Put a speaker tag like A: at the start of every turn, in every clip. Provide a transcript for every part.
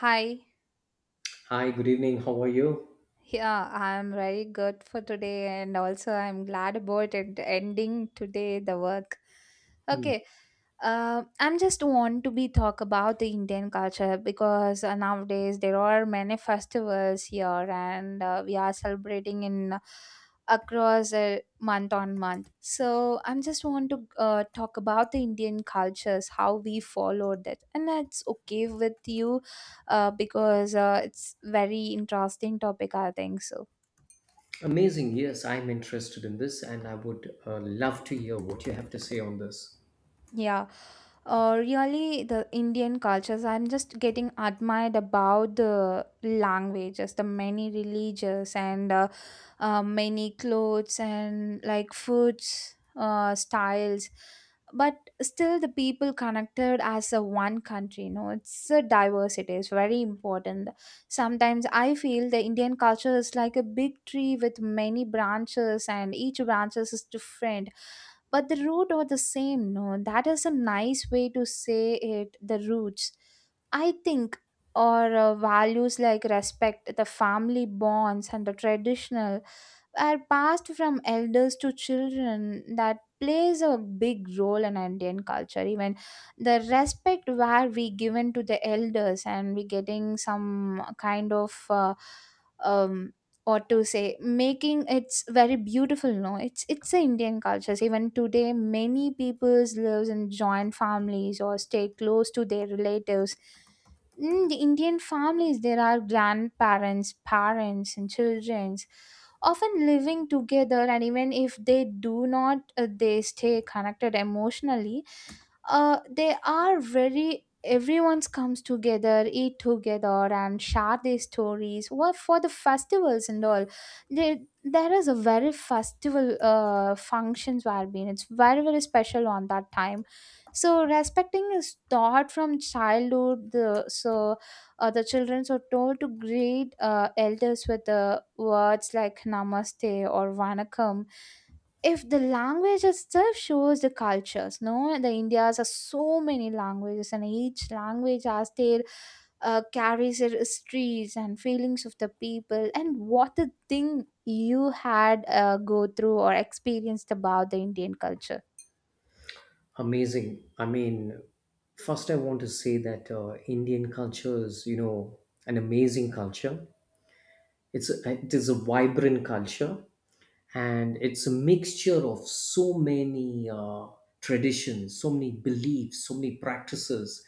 A: Hi.
B: Hi, good evening. How are you?
A: Yeah, I'm very good for today and also I'm glad about it ending today the work.
B: Hmm.
A: Okay. I'm just want to be talk about the Indian culture because nowadays there are many festivals here and we are celebrating in across month on month. So I'm just want to talk about the Indian cultures, how we follow that, and that's okay with you because it's very interesting topic I think so.
B: Amazing. Yes, I'm interested in this and I would love to hear what you have to say on this.
A: Yeah. Really the Indian cultures, I'm just getting admired about the languages, the many religious and many clothes and like foods styles, but still the people connected as a one country, you know. It's a diversity, it's very important. Sometimes I feel the Indian culture is like a big tree with many branches and each branches is different, but the root are the same. No, that is a nice way to say it, the roots I think. Or values like respect, the family bonds and the traditional are passed from elders to children. That plays a big role in Indian culture. Even the respect where we given to the elders and we getting some kind of uh, um, or to say making, it's very beautiful. No, it's the Indian cultures. Even today many peoples lives in joint families or stay close to their relatives. In the Indian families there are grandparents, parents and childrens often living together, and even if they do not, they stay connected emotionally. They are very everyone's comes together, eat together and share their stories what for the festivals and all. There is a very festival functions where been, it's very special on that time. So respecting is taught from childhood, the so the children are told to greet elders with the words like namaste or vanakkam. If the language itself shows the cultures, no, the India's are so many languages and each language has their carries their histories and feelings of the people. And what a thing you had go through or experienced about the Indian culture?
B: Amazing. I mean, first, I want to say that Indian culture is an amazing culture. It is a vibrant culture, and it's a mixture of so many traditions, so many beliefs, so many practices,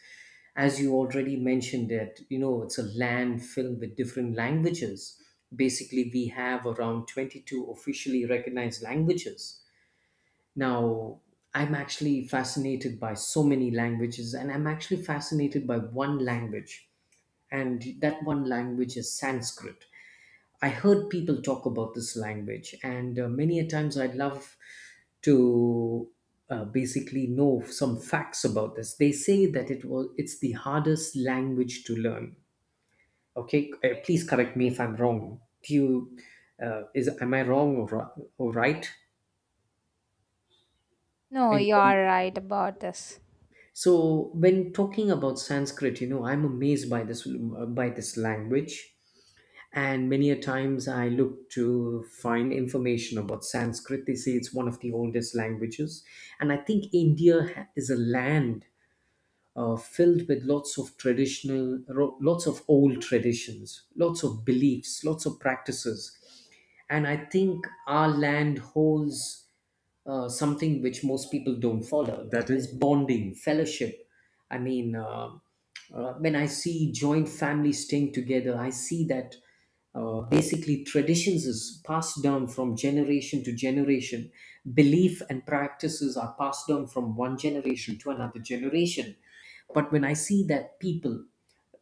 B: as you already mentioned it. It's a land filled with different languages. Basically, we have around 22 officially recognized languages now. I'm actually fascinated by so many languages, and I'm actually fascinated by one language, and that one language is Sanskrit. I heard people talk about this language, and many a times I'd love to basically know some facts about this. They say that it's the hardest language to learn. Okay, please correct me if I'm wrong. Do you is am I wrong or right?
A: No,
B: in
A: you
B: terms-
A: are right about this.
B: so when talking about Sanskrit, I'm amazed by this language. And many a times I look to find information about Sanskrit. They say it's one of the oldest languages. And I think India is a land filled with lots of lots of old traditions, lots of beliefs, lots of practices. And I think our land holds something which most people don't follow, that is bonding fellowship. I mean, when I see joint families staying together, I see that basically traditions is passed down from generation to generation. Belief and practices are passed down from one generation to another generation. But when I see that people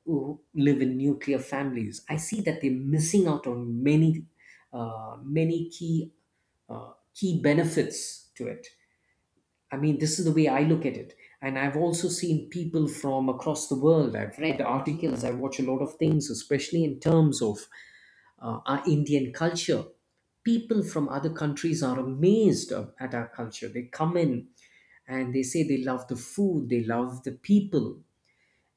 B: who live in nuclear families, I see that they're missing out on many, many key benefits to it. I mean, this is the way I look at it. And I've also seen people from across the world. I've read articles. I watch a lot of things, especially in terms of our Indian culture. People from other countries are amazed at our culture. They come in and they say they love the food, they love the people,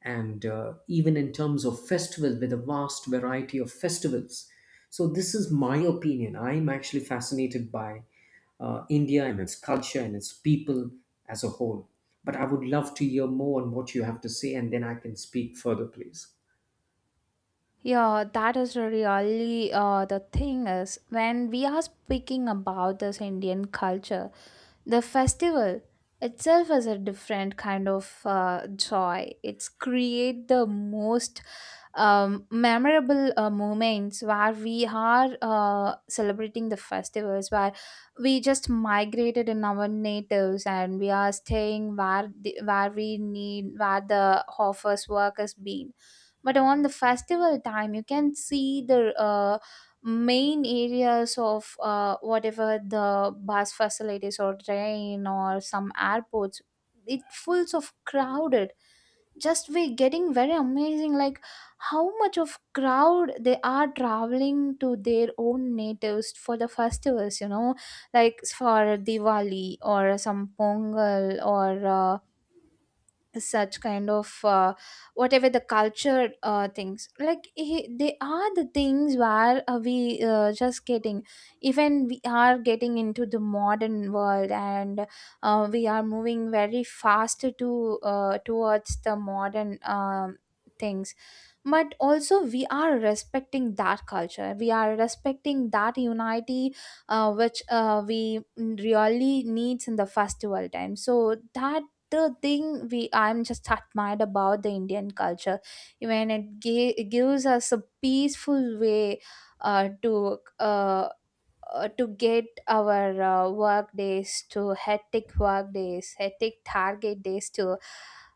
B: and even in terms of festivals with a vast variety of festivals. So, this is my opinion. I'm actually fascinated by India and its culture and its people as a whole. But I would love to hear more on what you have to say, and then I can speak further, please.
A: Yeah, that is really the thing is when we are speaking about this Indian culture, the festival itself is a different kind of joy. It's create the most memorable moments where we are celebrating the festivals, where we just migrated in our natives and we are staying where where we need, where the offers work has been. But on the festival time, you can see the main areas of whatever the bus facilities or train or some airports. It fulls of crowded, just we getting very amazing like how much of crowd they are traveling to their own natives for the festivals, you know, like for Diwali or some Pongal or such kind of whatever the culture things. Like they are the things where we just getting, even we are getting into the modern world and we are moving very fast to towards the modern things, but also we are respecting that culture, we are respecting that unity which we really needs in the festival time. So that the thing we, I'm just admired about the Indian culture. Even it, it gives us a peaceful way uh, to uh, to get our work days to hectic work days, hectic target days to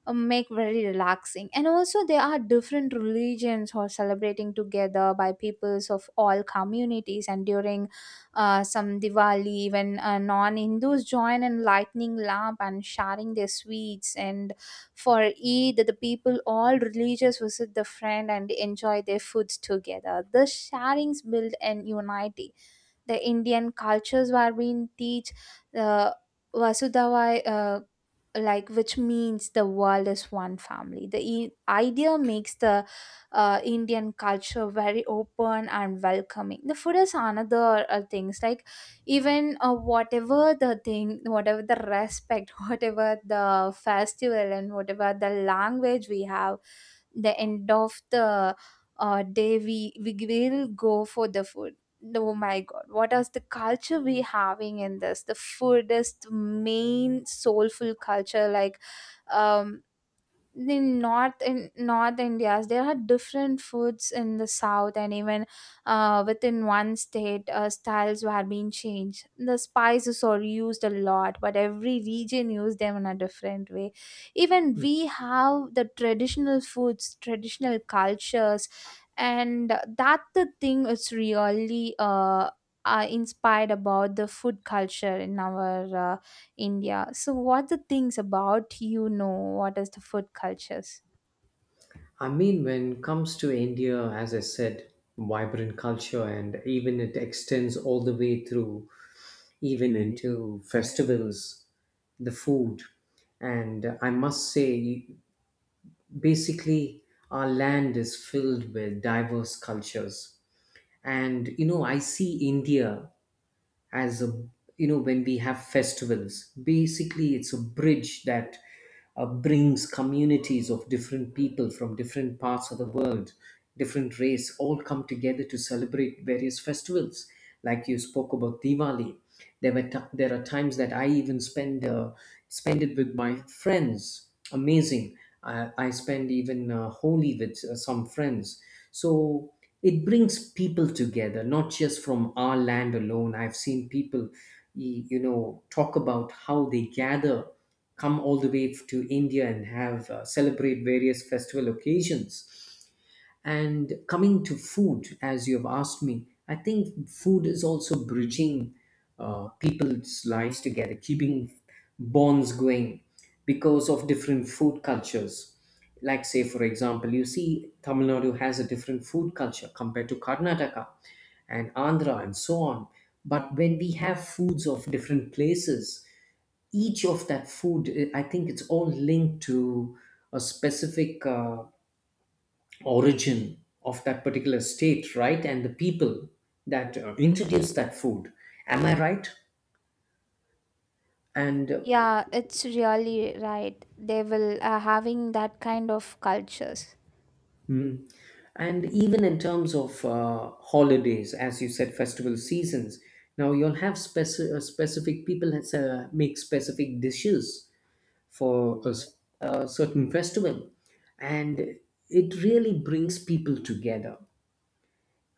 A: make very relaxing. And also, there are different religions who are celebrating together by peoples of all communities. And during some Diwali, even non Hindus join in lightning lamp and sharing their sweets. And for Eid, the people, all religious, visit the friend and enjoy their foods together. The sharings build an unity, the Indian cultures where we teach uh, Vasudhava, like which means the world is one family. The idea makes the Indian culture very open and welcoming. The food is another things. Like even whatever the thing, whatever the respect, whatever the festival, and whatever the language we have, the end of the day we will go for the food. Oh my god, what is the culture we having in this? The food is the main soulful culture. Like um in north Indias, there are different foods in the south, and even within one state styles were being changed. The spices are used a lot, but every region use them in a different way. Even we have the traditional foods, traditional cultures, and that the thing is really inspired about the food culture in our India. So, what the things about, you know? What is the food cultures?
B: I mean, when it comes to India, as I said, vibrant culture, and even it extends all the way through, even into festivals, the food. And I must say, basically our land is filled with diverse cultures. And I see India as a. When we have festivals, basically it's a bridge that brings communities of different people from different parts of the world, different race, all come together to celebrate various festivals. Like you spoke about Diwali, there are times that I even spend it with my friends. Amazing. I spend even Holi with some friends. So it brings people together, not just from our land alone. I've seen people, talk about how they gather, come all the way to India and have celebrate various festival occasions. And coming to food, as you have asked me, I think food is also bridging people's lives together, keeping bonds going because of different food cultures. Like, say, for example, you see Tamil Nadu has a different food culture compared to Karnataka and Andhra and so on. But when we have foods of different places, each of that food, I think it's all linked to a specific origin of that particular state, right? And the people that introduce that food, am I right? and uh,
A: Yeah, it's really right. They will having that kind of cultures.
B: mm, and even in terms of holidays, as you said, festival seasons, now you'll have specific people that make specific dishes for a certain festival. And it really brings people together.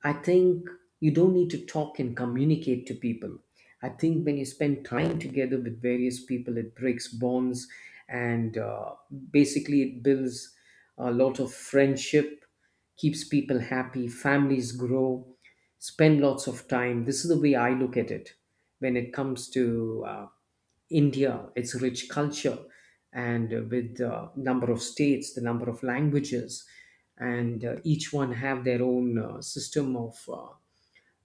B: I think you don't need to talk and communicate to people. I think when you spend time together with various people, it breaks bonds, and basically it builds a lot of friendship, keeps people happy, families grow, spend lots of time. This is the way I look at it when it comes to India, its rich culture, and with the number of states, the number of languages, and each one have their own system of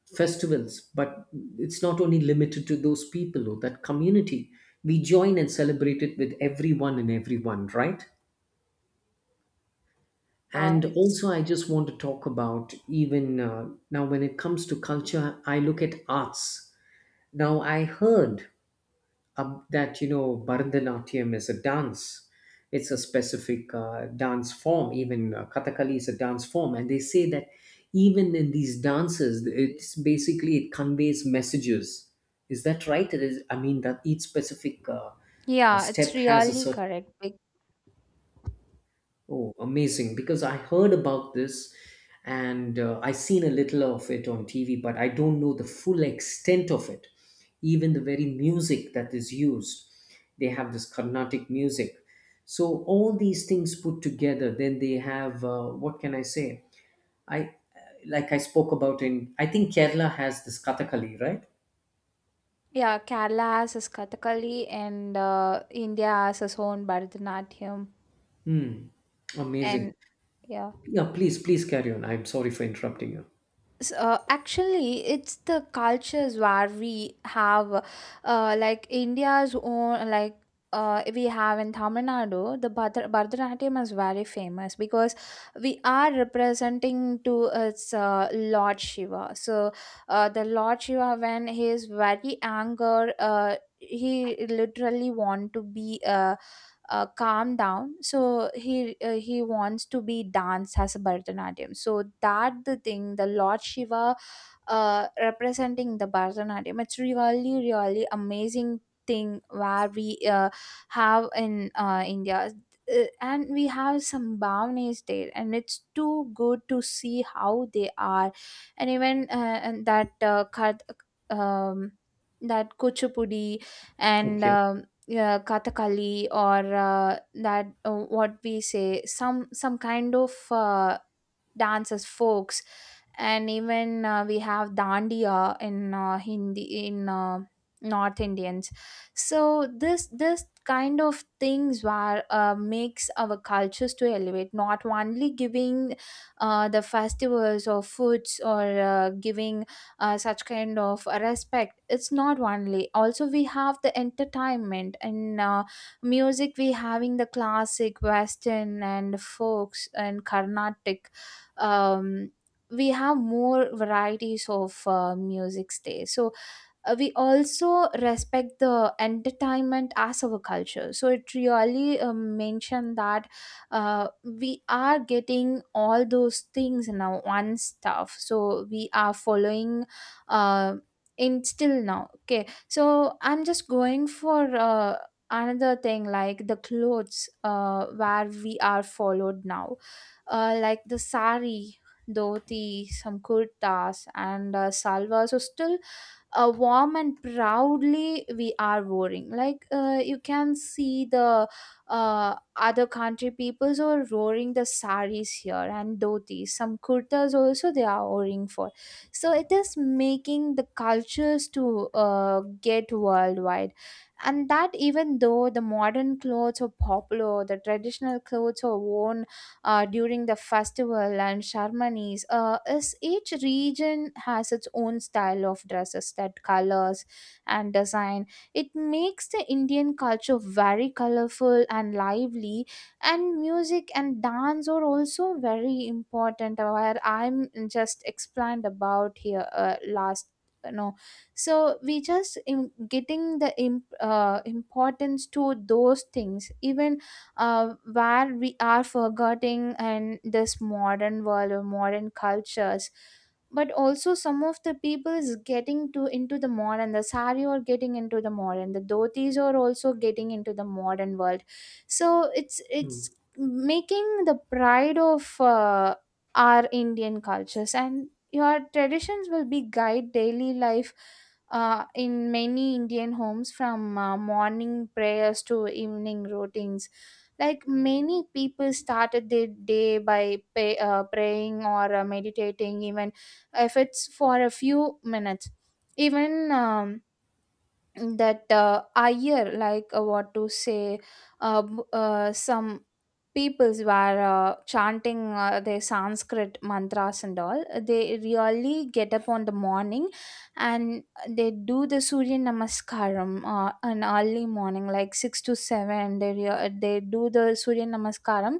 B: festivals. But it's not only limited to those people or that community. We join and celebrate it with everyone and everyone, right? And
A: It's
B: also, I just want to talk about even now when it comes to culture, I look at arts. Now, I heard that Bharatanatyam is a dance. It's a specific dance form. Even Kathakali is a dance form, and they say that even in these dances, it's basically it conveys messages. Is that right? It is. I mean that each specific
A: yeah, it's
B: step has a
A: really
B: certain.
A: correct.
B: Oh, amazing! Because I heard about this, and I seen a little of it on TV, but I don't know the full extent of it. Even the very music that is used, they have this Carnatic music. So all these things put together, then they have what can I say? I like I spoke about, in I think Kerala has this Kathakali, right?
A: Yeah, Kerala has its Kathakali and India has its own Bharatanatyam
B: Amazing.
A: and yeah.
B: Yeah, please, please carry on. I'm sorry for interrupting you.
A: Actually it's the cultures where we have like India's own, like we have in Tamil Nadu, the Bharatanatyam is very famous because we are representing to its Lord Shiva. So, the Lord Shiva, when he is very angry, he literally want to be calm down, so he wants to be danced as a Bharatanatyam. So that the thing, the Lord Shiva representing the Bharatanatyam, it's really amazing thing where we have in India. And we have some brownies there, and it's too good to see how they are. And even and that cut um that Kuchipudi, and
B: Okay.
A: yeah, Kathakali, or that what we say, some kind of dances folks. And even we have Dandiya in Hindi in north Indians. So this kind of things were makes our cultures to elevate, not only giving the festivals or foods or giving such kind of respect. It's not only, also we have the entertainment and music. We having the classic, western and folks and carnatic. um, we have more varieties of music days. So we also respect the entertainment as our culture, so it really mentioned that we are getting all those things now, one stuff, so we are following uh, in still now. Okay, so I'm just going for another thing like the clothes where we are followed now, like the sari, dhoti, some kurtas and salwars. So still warm and proudly we are roaring. Like you can see the other country peoples are roaring the saris here and dhotis. Some kurtas also they are roaring for. So it is making the cultures to get worldwide. And that, even though the modern clothes are popular, the traditional clothes are worn during the festival and ceremonies. Is each region has its own style of dresses, that colors and design. It makes the Indian culture very colorful and lively, and music and dance are also very important, where I'm just explained about here last. No, so we just getting the importance to those things, even where we are forgetting in this modern world or modern cultures. But also some of the people is getting to into the modern, the sari are getting into the modern, the dhotis are also getting into the modern world. So it's
B: Hmm.
A: it's making the pride of our Indian cultures, and your traditions will be guide daily life in many Indian homes, from morning prayers to evening routines. Like many people started their day by praying or meditating, even if it's for a few minutes. Even that year, like what to say, some peoples were chanting their Sanskrit mantras and all. They really get up on the morning and they do the Surya Namaskaram an early morning, like 6 to 7. They do the Surya Namaskaram,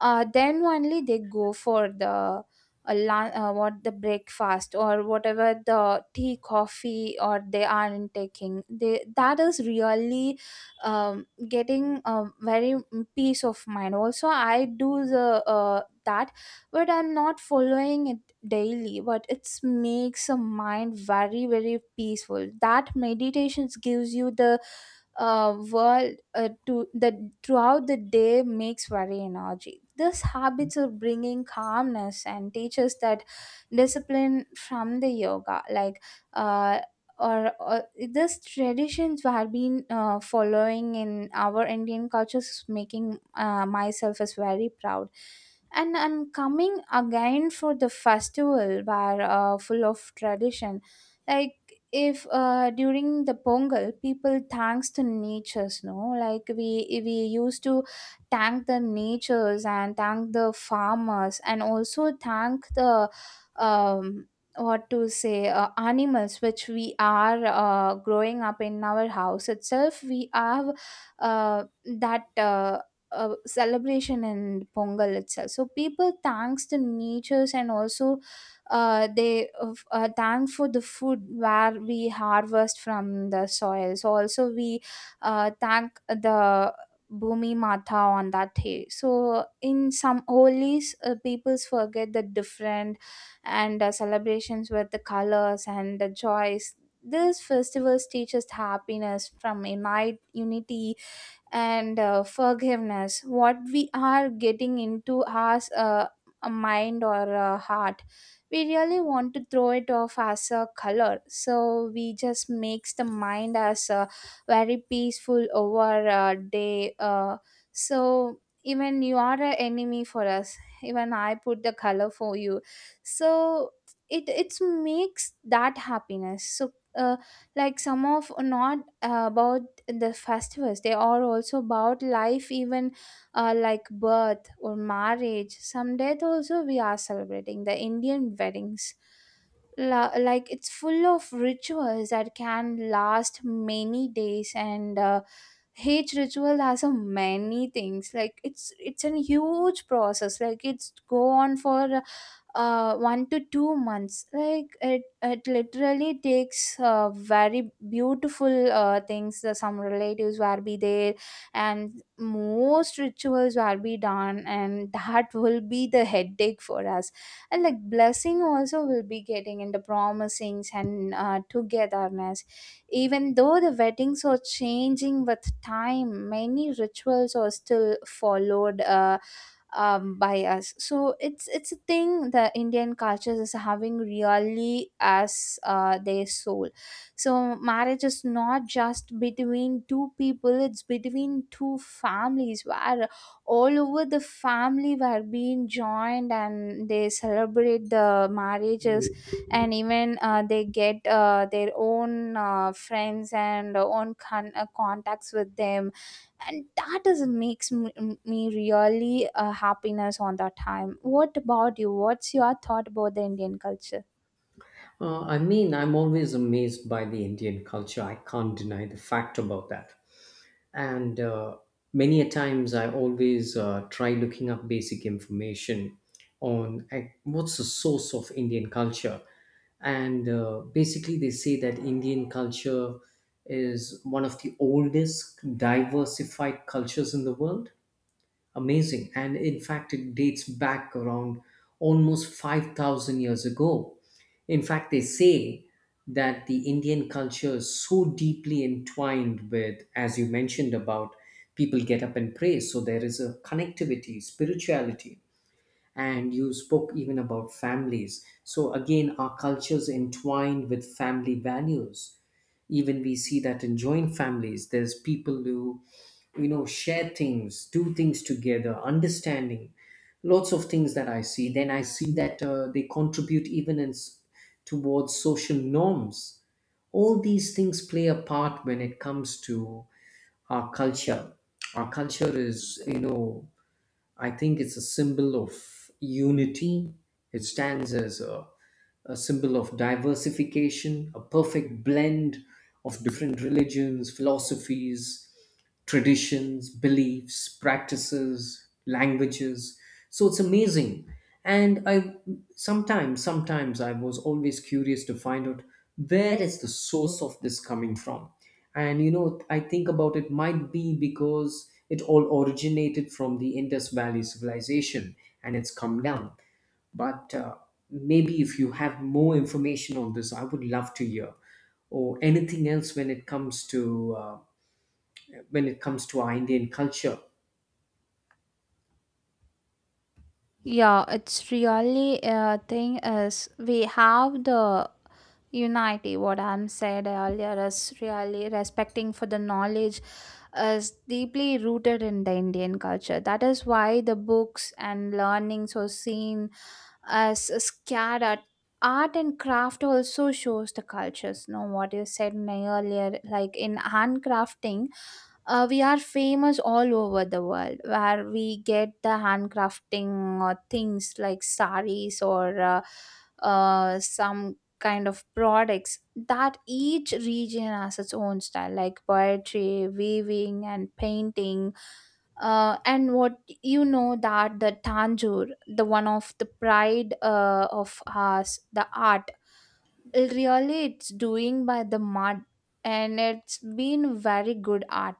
A: then only they go for the what the breakfast or whatever the tea coffee or they aren't taking. They, that is really getting very peace of mind. Also I do the that, but I'm not following it daily, but it makes a mind very peaceful. That meditations gives you the world to that, throughout the day makes very energy. These habits are bringing calmness and teaches that discipline from the yoga, like uh, or these traditions we have been following in our Indian cultures is making myself is very proud. And I'm coming again for the festival where full of tradition. Like if during the Pongal, people thanks to natures, no, like we used to thank the natures and thank the farmers and also thank the um what to say, animals which we are growing up in our house itself, we have that celebration in Pongal itself. So people thanks to natures and also they thank for the food where we harvest from the soil, so also we thank the Bhumi Mata on that day. So, in some holies, peoples forget the different and celebrations with the colors and the joys. These festivals teach us happiness from unite, unity and forgiveness what we are getting into our a mind or a heart we really want to throw it off as a color, so we just makes the mind as a very peaceful over a day. So even you are an enemy for us, even I put the color for you. So it makes that happiness. So uh, like some of not about the festivals, they are also about life, even like birth or marriage, some death, also we are celebrating the Indian weddings. Like, it's full of rituals that can last many days, and each ritual has a many things, like it's a huge process, like it's go on for 1 to 2 months. Like it literally takes very beautiful things, some relatives will be there and most rituals will be done, and that will be the headache for us. And like blessing also will be getting in the promisings and togetherness. Even though the weddings are changing with time, many rituals are still followed by us. So it's a thing, the Indian culture is having really as their soul. So marriage is not just between two people; it's between two families where all over the family were being joined and they celebrate the marriages, and even they get their own friends and own contacts with them, and that is makes me really happiness on that time. What about you, what's your thought about the Indian culture?
B: I mean, I'm always amazed by the Indian culture. I can't deny the fact about that. And many a times I always try looking up basic information on what's the source of Indian culture. And basically, they say that Indian culture is one of the oldest diversified cultures in the world. Amazing. And in fact, it dates back around almost 5,000 years ago. In fact, they say that the Indian culture is so deeply entwined with, as you mentioned, about people get up and pray. So there is a connectivity, spirituality. And you spoke even about families. So again, our cultures entwined with family values. Even we see that in joint families there's people who share things, do things together, understanding lots of things that I see. Then I see that they contribute even towards social norms. All these things play a part when it comes to our culture. Our culture is, I think, it's a symbol of unity. It stands as a symbol of diversification, a perfect blend of different religions, philosophies, traditions, beliefs, practices, languages. So it's amazing. And sometimes I was always curious to find out where is the source of this coming from. And I think about it might be because it all originated from the Indus Valley civilization and it's come down. But maybe if you have more information on this, I would love to hear, or anything else when it comes to when it comes to our Indian culture.
A: Yeah, it's really a thing is we have the unity. What I'm said earlier is really respecting for the knowledge is deeply rooted in the Indian culture. That is why the books and learnings are seen as scattered. Art and craft also shows the cultures. No, what you said earlier, like in handcrafting, we are famous all over the world where we get the handcrafting or things like saris or some kind of products that each region has its own style, like poetry, weaving and painting, and what you know that the Tanjore, the one of the pride of us, the art, really it's doing by the mud, and it's been very good art.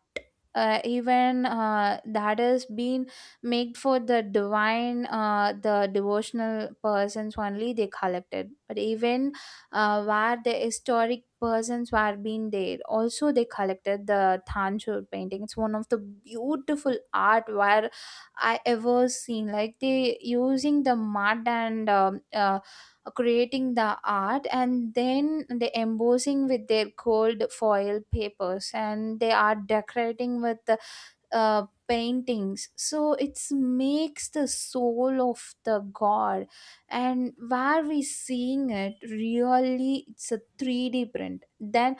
A: Even that has been made for the divine, the devotional persons only they collected, but even where the historic persons were being there, also they collected the Thanjore painting. It's one of the beautiful art where I ever seen. Like they using the mud and creating the art, and then they embossing with their gold foil papers and they are decorating with paintings, so it's makes the soul of the god. And where we seeing it, really it's a 3D print. Then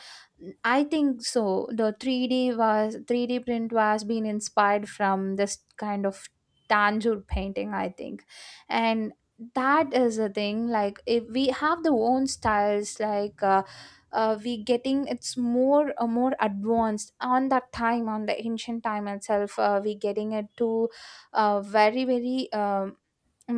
A: I think so the 3D was 3D print was being inspired from this kind of Tanjore painting, I think. And that is a thing, like if we have the own styles, like we getting it's more more advanced on that time, on the ancient time itself, we getting it to very very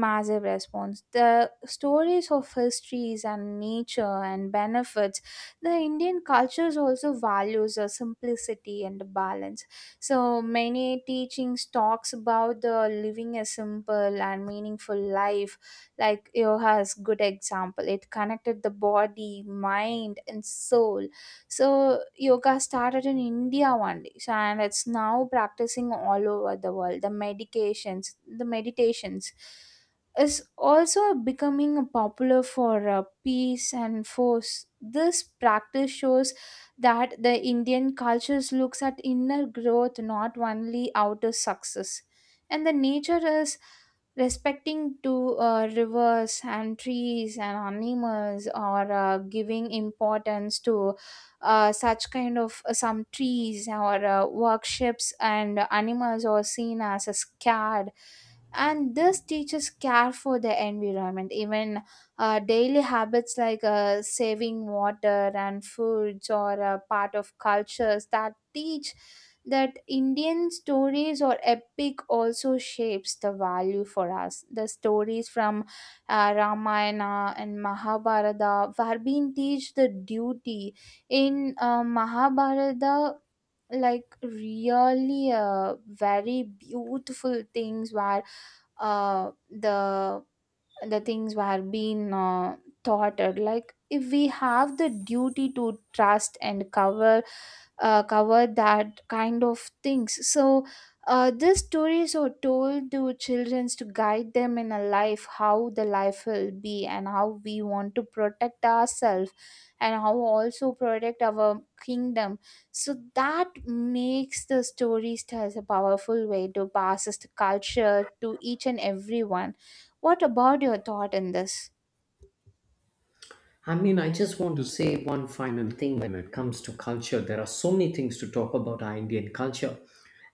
A: massive response. The stories of histories and nature and benefits, the Indian cultures also values a simplicity and a balance. So many teachings talks about the living a simple and meaningful life. Like yoga is good example. It connected the body, mind, and soul. So yoga started in India only, so and it's now practicing all over the world. The medications, the meditations is also becoming popular for peace and force. This practice shows that the Indian cultures looks at inner growth, not only outer success. And the nature is respecting to rivers and trees and animals, or giving importance to such kind of some trees or workshops, and animals are seen as a scared, and this teaches care for the environment. Even daily habits like saving water and foods or part of cultures that teach, that Indian stories or epic also shapes the value for us. The stories from Ramayana and Mahabharata were being teach the duty in Mahabharata, like really very beautiful things were, the the things were being taught, like if we have the duty to trust and cover cover that kind of things. So these stories are told to children to guide them in a life, how the life will be and how we want to protect ourselves, and how also protect our kingdom. So that makes the stories as a powerful way to pass the culture to each and everyone. What about your thought in this?
B: I mean, I just want to say one final thing when it comes to culture. There are so many things to talk about our Indian culture,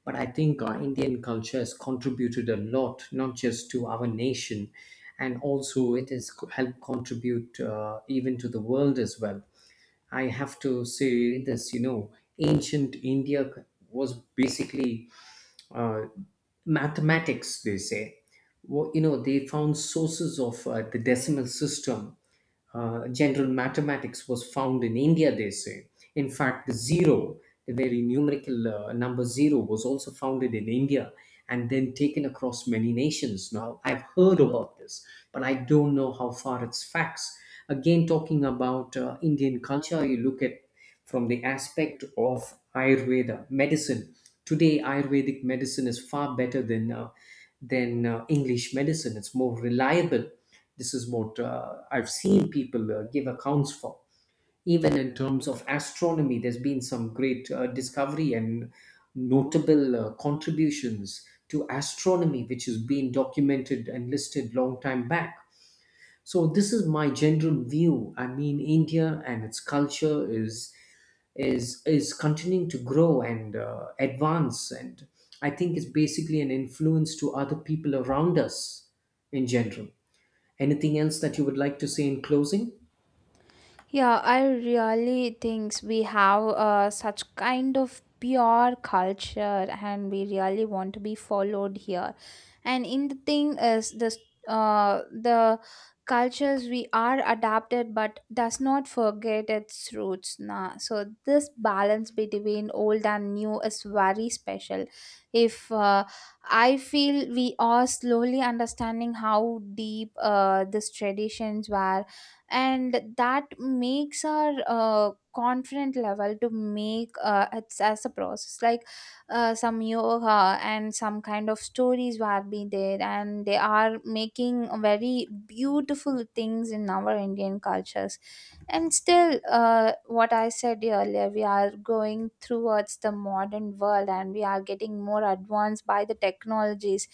B: but I think our Indian culture has contributed a lot, not just to our nation, and also it has helped contribute even to the world as well. I have to say this, ancient India was basically uh, mathematics, they say. They found sources of the decimal system. General mathematics was found in India, they say. In fact, the zero, the very numerical number zero, was also founded in India and then taken across many nations. Now, I've heard about this, but I don't know how far it's facts. Again, talking about Indian culture, you look at from the aspect of Ayurveda medicine. Today, Ayurvedic medicine is far better than English medicine. It's more reliable. This is what I've seen people give accounts for. Even in terms of astronomy, there's been some great discovery and notable contributions to astronomy, which has been documented and listed long time back. So this is my general view. I mean, India and its culture is continuing to grow and advance, and I think it's basically an influence to other people around us in general. Anything else that you would like to say in closing?
A: Yeah, I really think we have such kind of pure culture and we really want to be followed here. And in the thing is this the cultures we are adapted but does not forget its roots, nah. So this balance between old and new is very special. If uh, i feel we are slowly understanding how deep these traditions were, and that makes our confident level to make it's as a process, like some yoga and some kind of stories were be there, and they are making very beautiful things in our Indian cultures. And still, what I said earlier, we are going towards the modern world and we are getting more advanced by the technologies,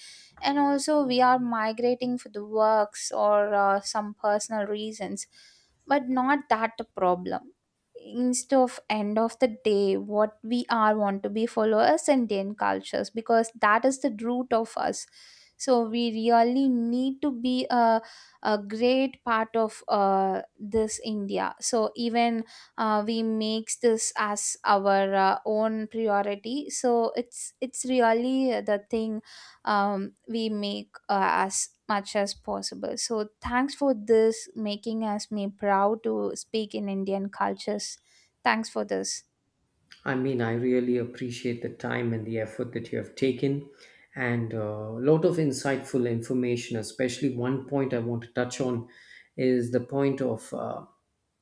A: and also we are migrating for the works or some personal reasons, but not that the problem. Instead of end of the day, what we are want to be followers Indian cultures, because that is the root of us. So we really need to be a great part of this India. So even we makes this as our own priority. So it's really the thing, we make as much as possible. So thanks for this, making us me proud to speak in Indian cultures. Thanks for this.
B: I mean, I really appreciate the time and the effort that you have taken, and a lot of insightful information. Especially one point I want to touch on is the point of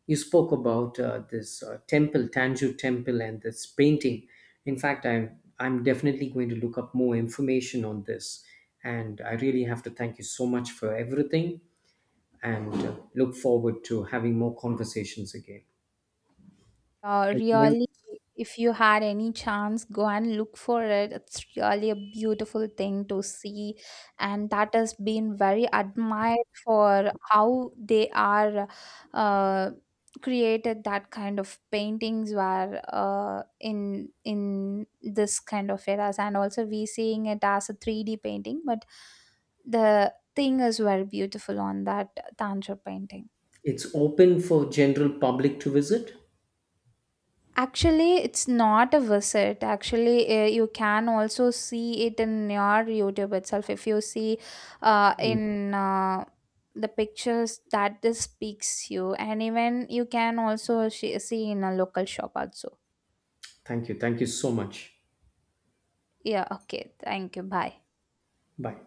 B: you spoke about this temple, Tanjore temple, and this painting. In fact, I'm definitely going to look up more information on this, and I really have to thank you so much for everything, and look forward to having more conversations again.
A: Uh,
B: Anything else?
A: really, if you had any chance, go and look for it. It's really a beautiful thing to see, and that has been very admired for how they are uh, created that kind of paintings were in this kind of eras, and also we seeing it as a 3D painting, but the thing is very beautiful on that tantra painting.
B: It's open for general public to visit?
A: Actually, it's not a visit. Actually, you can also see it in your YouTube itself. If you see
B: Mm.
A: in the pictures that this speaks you, and even you can also see in a local shop also.
B: Thank you. Thank you so much.
A: Yeah, okay. Thank you. Bye.
B: Bye.